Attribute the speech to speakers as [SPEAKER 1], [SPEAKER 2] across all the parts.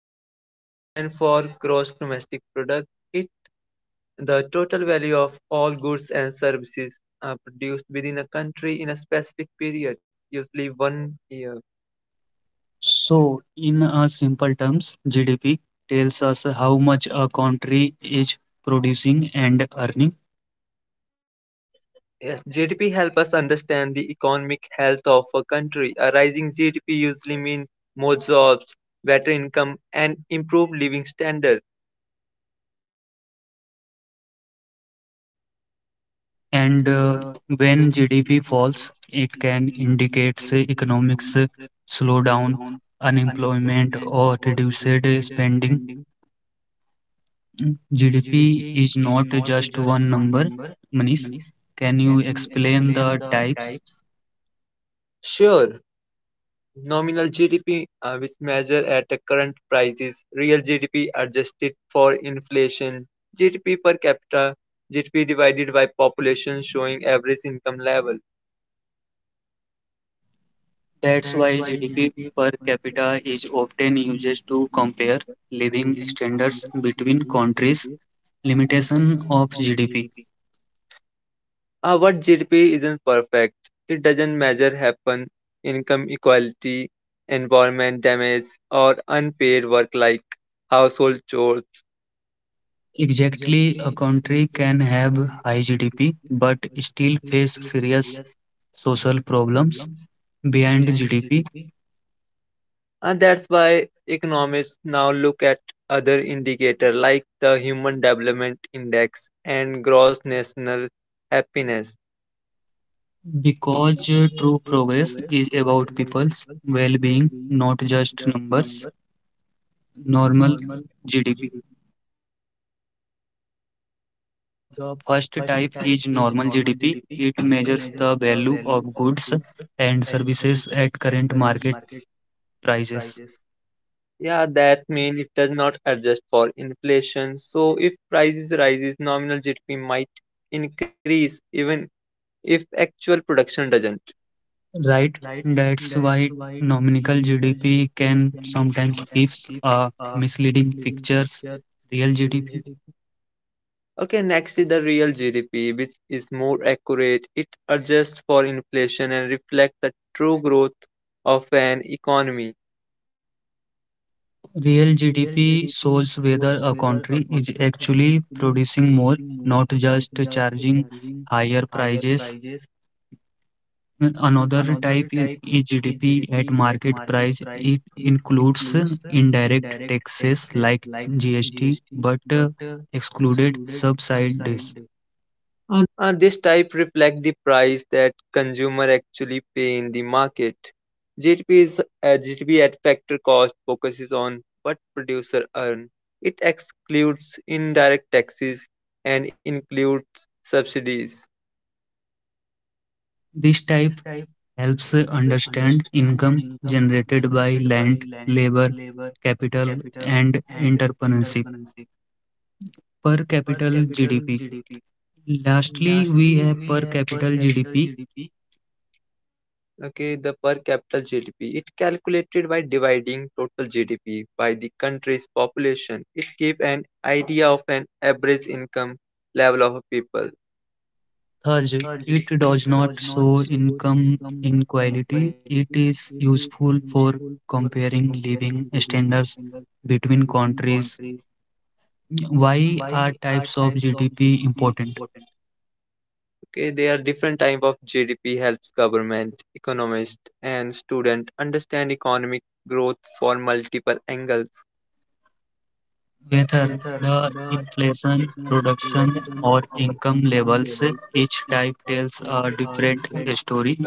[SPEAKER 1] GDP stands for Gross Domestic Product. It's the total value of all goods and services produced within a country in a specific period, usually one year.
[SPEAKER 2] So, in a simple terms, GDP tells us how much a country is producing and earning.
[SPEAKER 1] Yes, GDP helps us understand the economic health of a country. A rising GDP usually means more jobs, better income, and improved living standards.
[SPEAKER 2] And
[SPEAKER 1] And uh,
[SPEAKER 2] When
[SPEAKER 1] when
[SPEAKER 2] GDP
[SPEAKER 1] GDP
[SPEAKER 2] falls, it
[SPEAKER 1] it
[SPEAKER 2] can
[SPEAKER 1] can
[SPEAKER 2] indicate
[SPEAKER 1] indicate
[SPEAKER 2] say,
[SPEAKER 1] the
[SPEAKER 2] economic
[SPEAKER 1] economic
[SPEAKER 2] slowdown,
[SPEAKER 1] slowdown,
[SPEAKER 2] unemployment,
[SPEAKER 1] unemployment,
[SPEAKER 2] or
[SPEAKER 1] or
[SPEAKER 2] reduced
[SPEAKER 1] reduced
[SPEAKER 2] spending.
[SPEAKER 1] spending,
[SPEAKER 2] Mm, GDP
[SPEAKER 1] GDP
[SPEAKER 2] is
[SPEAKER 1] is
[SPEAKER 2] not
[SPEAKER 1] not
[SPEAKER 2] just
[SPEAKER 1] just
[SPEAKER 2] one
[SPEAKER 1] one
[SPEAKER 2] number,
[SPEAKER 1] number.
[SPEAKER 2] Manish. Can you explain the types?
[SPEAKER 1] Sure, nominal GDP, which measure at the current prices, real GDP adjusted for inflation, GDP per capita, GDP divided by population showing average income level.
[SPEAKER 2] That's why GDP per capita is often used to compare living standards between countries. Limitation of GDP.
[SPEAKER 1] Our GDP isn't perfect. It doesn't measure happen, income equality, environment damage, or unpaid work like household chores.
[SPEAKER 2] Exactly, a country can have high GDP but still face serious social problems behind GDP
[SPEAKER 1] And that's why economists now look at other indicators like the Human Development Index and gross national happiness.
[SPEAKER 2] because true progress is about people's well-being, not just numbers. Normal GDP. The first type is normal GDP. It measures the value of goods and services at current market prices.
[SPEAKER 1] Yeah, that means it does not adjust for inflation. So if prices rises, nominal GDP might increase even if actual production doesn't.
[SPEAKER 2] Right, that's why nominal GDP can sometimes gives a misleading pictures. Real GDP,
[SPEAKER 1] Okay, next is the real GDP, which is more accurate. It adjusts for inflation and reflects the true growth of an economy.
[SPEAKER 2] real GDP shows whether a country is actually producing more, not just charging higher prices. Another type is GDP at market price. It includes indirect taxes like GST, but excluded subsidies.
[SPEAKER 1] And this type reflects the price that consumer actually pay in the market. GDP at factor cost focuses on what producer earn. It excludes indirect taxes and includes subsidies.
[SPEAKER 2] This type helps understand income generated by land, labor, capital, and entrepreneurship. Per capita GDP. Lastly, we have per capita GDP.
[SPEAKER 1] Okay, the per capita GDP. It calculated by dividing total GDP by the country's population. It gives an idea of an average income level of a people.
[SPEAKER 2] Thus, it does not show income inequality. It is useful for comparing living standards between countries. Why are types of GDP important?
[SPEAKER 1] Okay, there are different type of GDP helps government, economist, and student understand economic growth for multiple angles.
[SPEAKER 2] Whether the inflation, production, or income levels, each type tells a different story.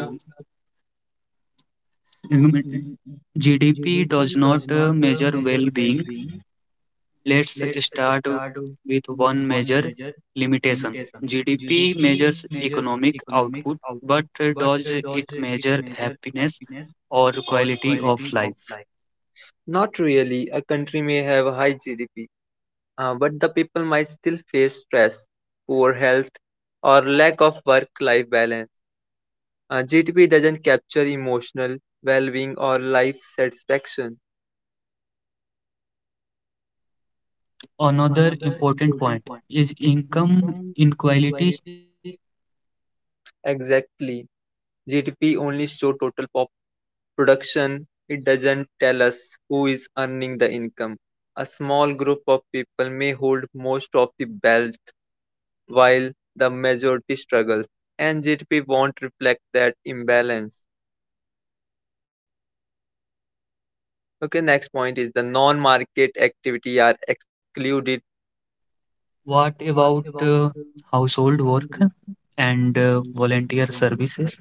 [SPEAKER 2] Mm, GDP does not measure well being. Let's start with one major limitation. GDP measures economic output, but does it measure happiness or quality of life?
[SPEAKER 1] Not really, a country may have a high GDP, but the people might still face stress, poor health, or lack of work-life balance. GTP doesn't capture emotional well-being or life satisfaction.
[SPEAKER 2] Another important point is income inequality.
[SPEAKER 1] Exactly. GDP only shows total pop production. It doesn't tell us who is earning the income. A small group of people may hold most of the wealth while the majority struggles, and GDP won't reflect that imbalance. Okay, next point is the non-market activity are excluded.
[SPEAKER 2] What about household work and volunteer services?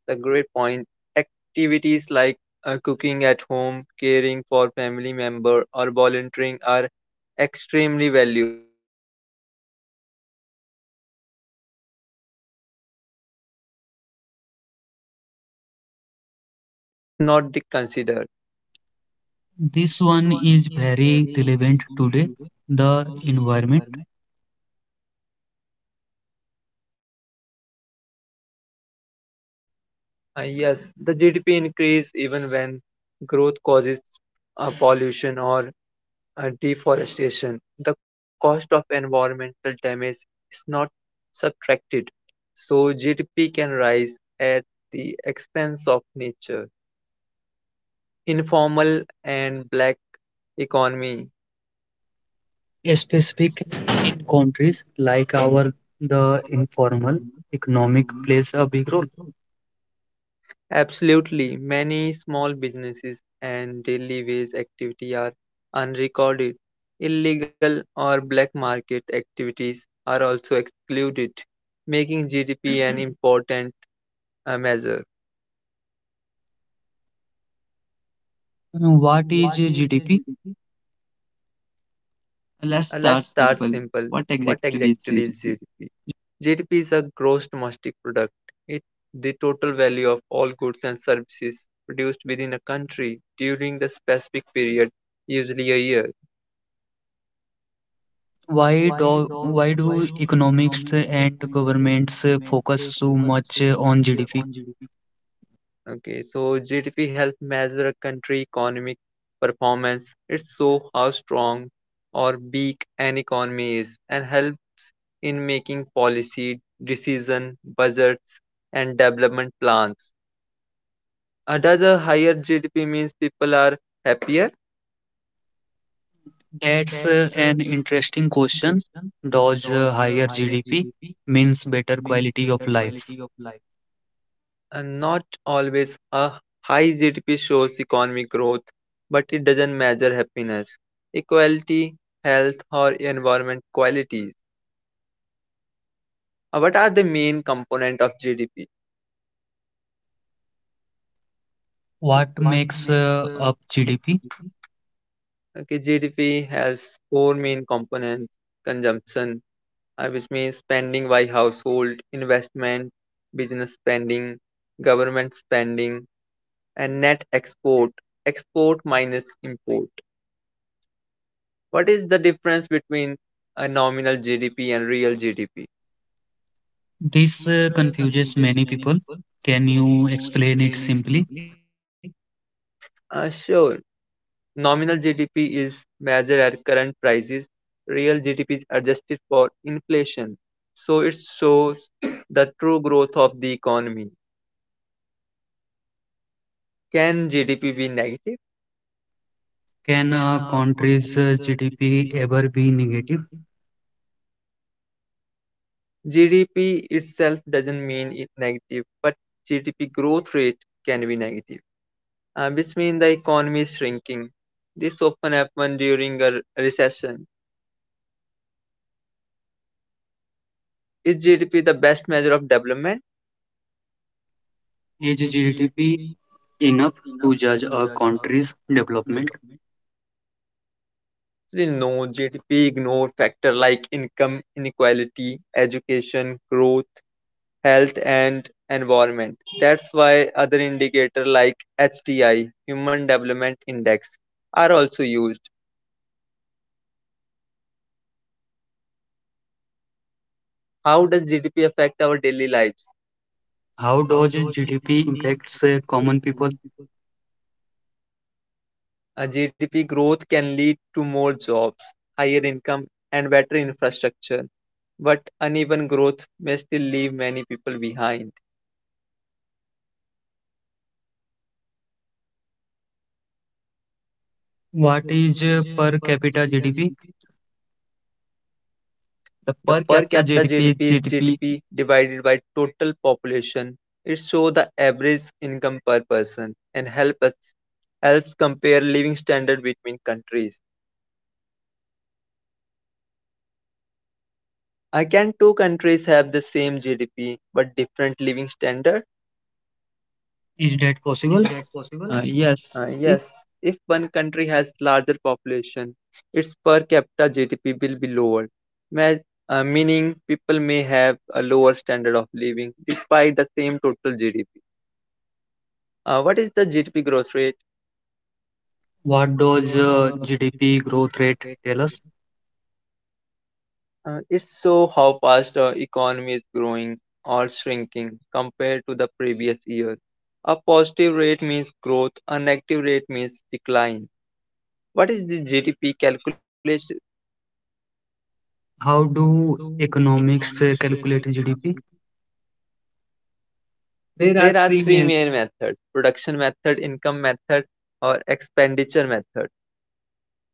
[SPEAKER 1] The great point. Activities like cooking at home, caring for family member, or volunteering are extremely valuable. But since they don't involve money, GDP completely ignore them. The environment damage is not the- considered.
[SPEAKER 2] This one is very relevant today. The environment,
[SPEAKER 1] Yes, the GDP increase even when growth causes pollution or deforestation, the cost of environmental damage is not subtracted, so GDP can rise at the expense of nature. Informal and black economy.
[SPEAKER 2] specific in countries like our, the informal economic plays a big role.
[SPEAKER 1] Absolutely, many small businesses and daily wage activity are unrecorded. Illegal or black market activities are also excluded, making GDP an important measure.
[SPEAKER 2] What is GDP? Let's
[SPEAKER 1] Let's
[SPEAKER 2] start
[SPEAKER 1] start
[SPEAKER 2] simple.
[SPEAKER 1] simple.
[SPEAKER 2] What
[SPEAKER 1] What
[SPEAKER 2] exactly is
[SPEAKER 1] exactly is
[SPEAKER 2] GDP?
[SPEAKER 1] GDP? GDP is a gross domestic product. It's the total value of all goods and services produced within a country during the specific period, usually a year.
[SPEAKER 2] Why do economists and governments focus so much on GDP?
[SPEAKER 1] Okay, so GDP helps measure a country economic performance. It shows how strong or weak an economy is and helps in making policy decision, budgets and development plans. Does a higher GDP means people are happier?
[SPEAKER 2] That's an interesting question. Does higher GDP means better quality of life?
[SPEAKER 1] And not always. A high GDP shows economic growth, but it doesn't measure happiness, equality, health or environment quality. What are the main component of GDP?
[SPEAKER 2] What makes up GDP?
[SPEAKER 1] Okay, GDP has four main components: consumption, which means spending by household, investment, business spending, government spending, and net export, export minus import. What is the difference between a nominal GDP and real GDP?
[SPEAKER 2] This confuses many people. Can you explain it simply?
[SPEAKER 1] Sure. Nominal GDP is measured at current prices. Real GDP is adjusted for inflation. So it shows the true growth of the economy. Can GDP be negative?
[SPEAKER 2] Can a country's GDP ever be negative?
[SPEAKER 1] GDP itself doesn't mean it negative, but GDP growth rate can be negative, which means the economy is shrinking. This often happens during a recession. Is GDP the best measure of development?
[SPEAKER 2] Is GDP enough to judge a country's development?
[SPEAKER 1] Actually, no, GDP ignore factors like income inequality, education, growth, health, and environment. That's why other indicators like HDI, Human Development Index, are also used. How does GDP affect our daily lives?
[SPEAKER 2] How does GDP impacts common people?
[SPEAKER 1] A GDP growth can lead to more jobs, higher income, and better infrastructure, but uneven growth may still leave many people behind.
[SPEAKER 2] What is per capita GDP? The
[SPEAKER 1] The
[SPEAKER 2] per
[SPEAKER 1] per
[SPEAKER 2] capita
[SPEAKER 1] capita
[SPEAKER 2] GDP is
[SPEAKER 1] GDP is
[SPEAKER 2] GDP.
[SPEAKER 1] GDP divided by total population. It shows the average income per person and helps compare living standard between countries. Can two countries have the same GDP but different living standard?
[SPEAKER 2] Is that possible? Uh, yes,
[SPEAKER 1] Yes.
[SPEAKER 2] it,
[SPEAKER 1] If one country has larger population, its per capita GDP will be lower, meaning people may have a lower standard of living despite the same total GDP. What is the GDP growth rate?
[SPEAKER 2] What does GDP growth rate tell us?
[SPEAKER 1] It's so how fast our economy is growing or shrinking compared to the previous year. A positive rate means growth, a negative rate means decline. What is the GDP calculation?
[SPEAKER 2] How do economics calculate GDP?
[SPEAKER 1] There are three main methods: production method, income method, or expenditure method.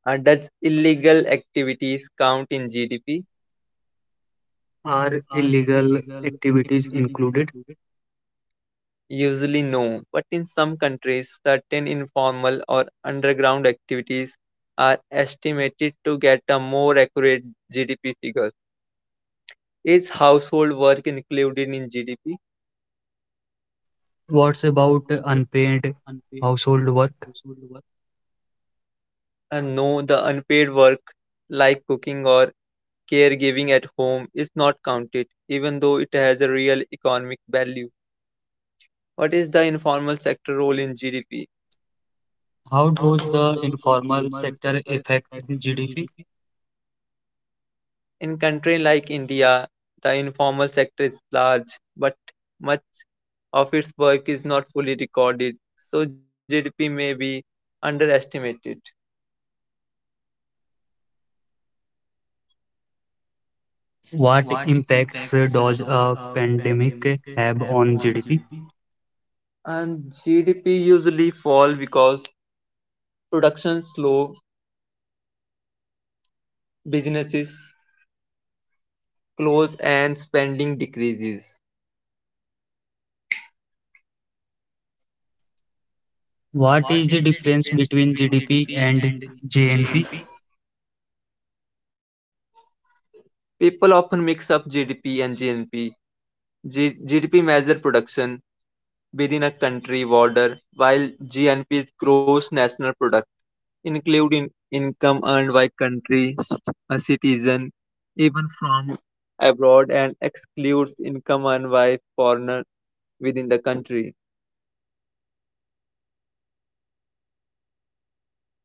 [SPEAKER 1] Does illegal activities count in
[SPEAKER 2] GDP.
[SPEAKER 1] GDP?
[SPEAKER 2] Are illegal activities included?
[SPEAKER 1] Usually no, but in some countries, certain informal or underground activities are estimated to get a more accurate GDP figure. Is household work included in GDP?
[SPEAKER 2] What's about unpaid household work?
[SPEAKER 1] And no, the unpaid work like cooking or caregiving at home is not counted, even though it has a real economic value. What is the informal sector role in GDP?
[SPEAKER 2] How does the informal sector affect GDP?
[SPEAKER 1] In countries like India, the informal sector is large, but much of its work is not fully recorded, so GDP may be underestimated.
[SPEAKER 2] What impacts does a pandemic have on GDP?
[SPEAKER 1] And GDP usually fall because production slow, businesses close and spending decreases.
[SPEAKER 2] What is the difference between GDP and GNP?
[SPEAKER 1] People often mix up GDP and GNP. GDP measure production within a country border, while GNP is gross national product include income earned by countries a citizen even from abroad and excludes income earned by foreigner within the country.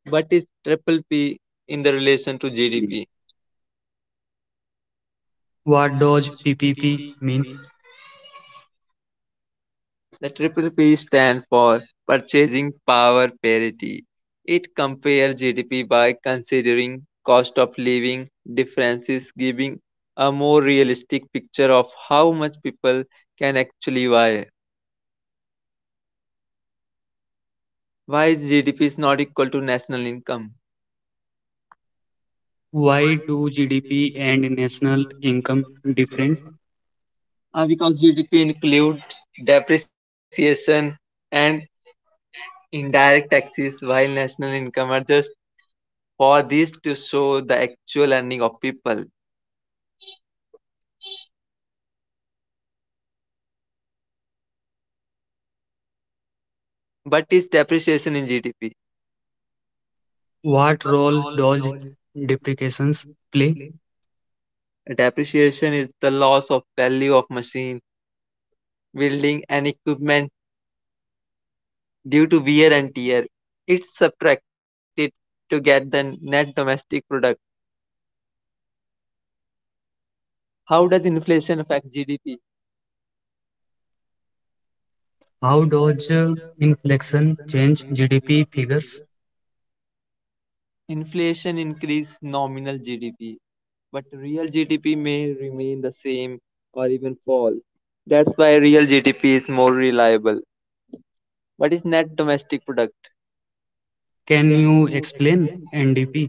[SPEAKER 1] But is triple P in the relation to
[SPEAKER 2] GDP.
[SPEAKER 1] GDP?
[SPEAKER 2] What does PPP mean?
[SPEAKER 1] The triple P stands for purchasing power parity. It compares GDP by considering cost of living differences, giving a more realistic picture of how much people can actually buy. Why is GDP is not equal to national income?
[SPEAKER 2] Why do GDP and national income different?
[SPEAKER 1] Because GDP includes depreciation and indirect taxes, while national income are just for this to show the actual earning of people. But is depreciation in GDP?
[SPEAKER 2] What role does depreciations play?
[SPEAKER 1] Depreciation is the loss of value of machine, building, and equipment due to wear and tear. It's subtracted to get the net domestic product. How does inflation affect GDP?
[SPEAKER 2] How does inflation change GDP figures?
[SPEAKER 1] Inflation increases nominal GDP, but real GDP may remain the same or even fall. That's why real GDP is more reliable. What is net domestic product?
[SPEAKER 2] Can you explain NDP?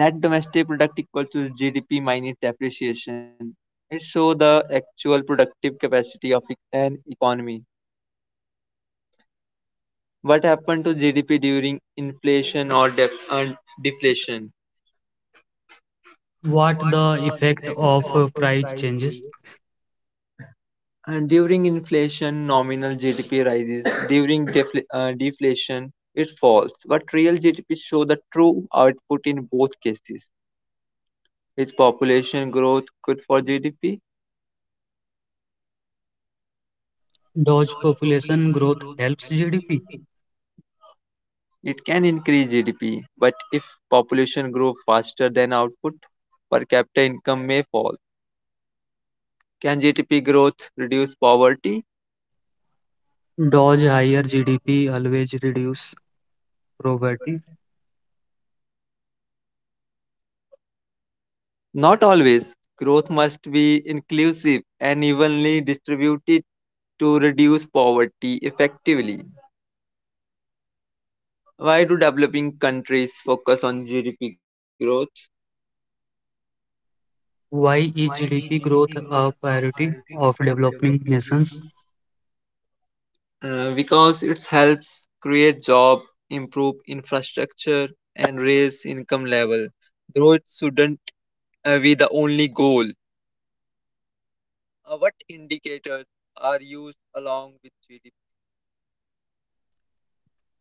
[SPEAKER 1] Net domestic product equal to GDP minus depreciation. It shows the actual productive capacity of an economy. What happened to GDP during inflation or def- and deflation?
[SPEAKER 2] What the effect of price changes?
[SPEAKER 1] And during inflation, nominal GDP rises. During deflation, it falls. But real GDP shows the true output in both cases. Is population growth good for GDP?
[SPEAKER 2] Does population growth helps GDP?
[SPEAKER 1] It can increase GDP, but if population grows faster than output, per capita income may fall. Can GDP growth reduce poverty?
[SPEAKER 2] Does higher GDP always reduce poverty?
[SPEAKER 1] Not always. Growth must be inclusive and evenly distributed to reduce poverty effectively. Why do developing countries focus on GDP growth?
[SPEAKER 2] Why is GDP growth a priority of developing nations?
[SPEAKER 1] Because it helps create jobs, improve infrastructure, and raise income level. Growth shouldn't be the only goal. What indicators are used along with GDP?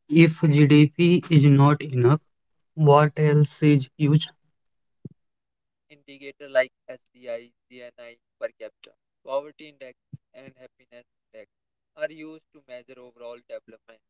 [SPEAKER 2] If GDP is not enough, what else is used?
[SPEAKER 1] Indicator like SDI, GNI per capita, poverty index, and happiness index are used to measure overall development.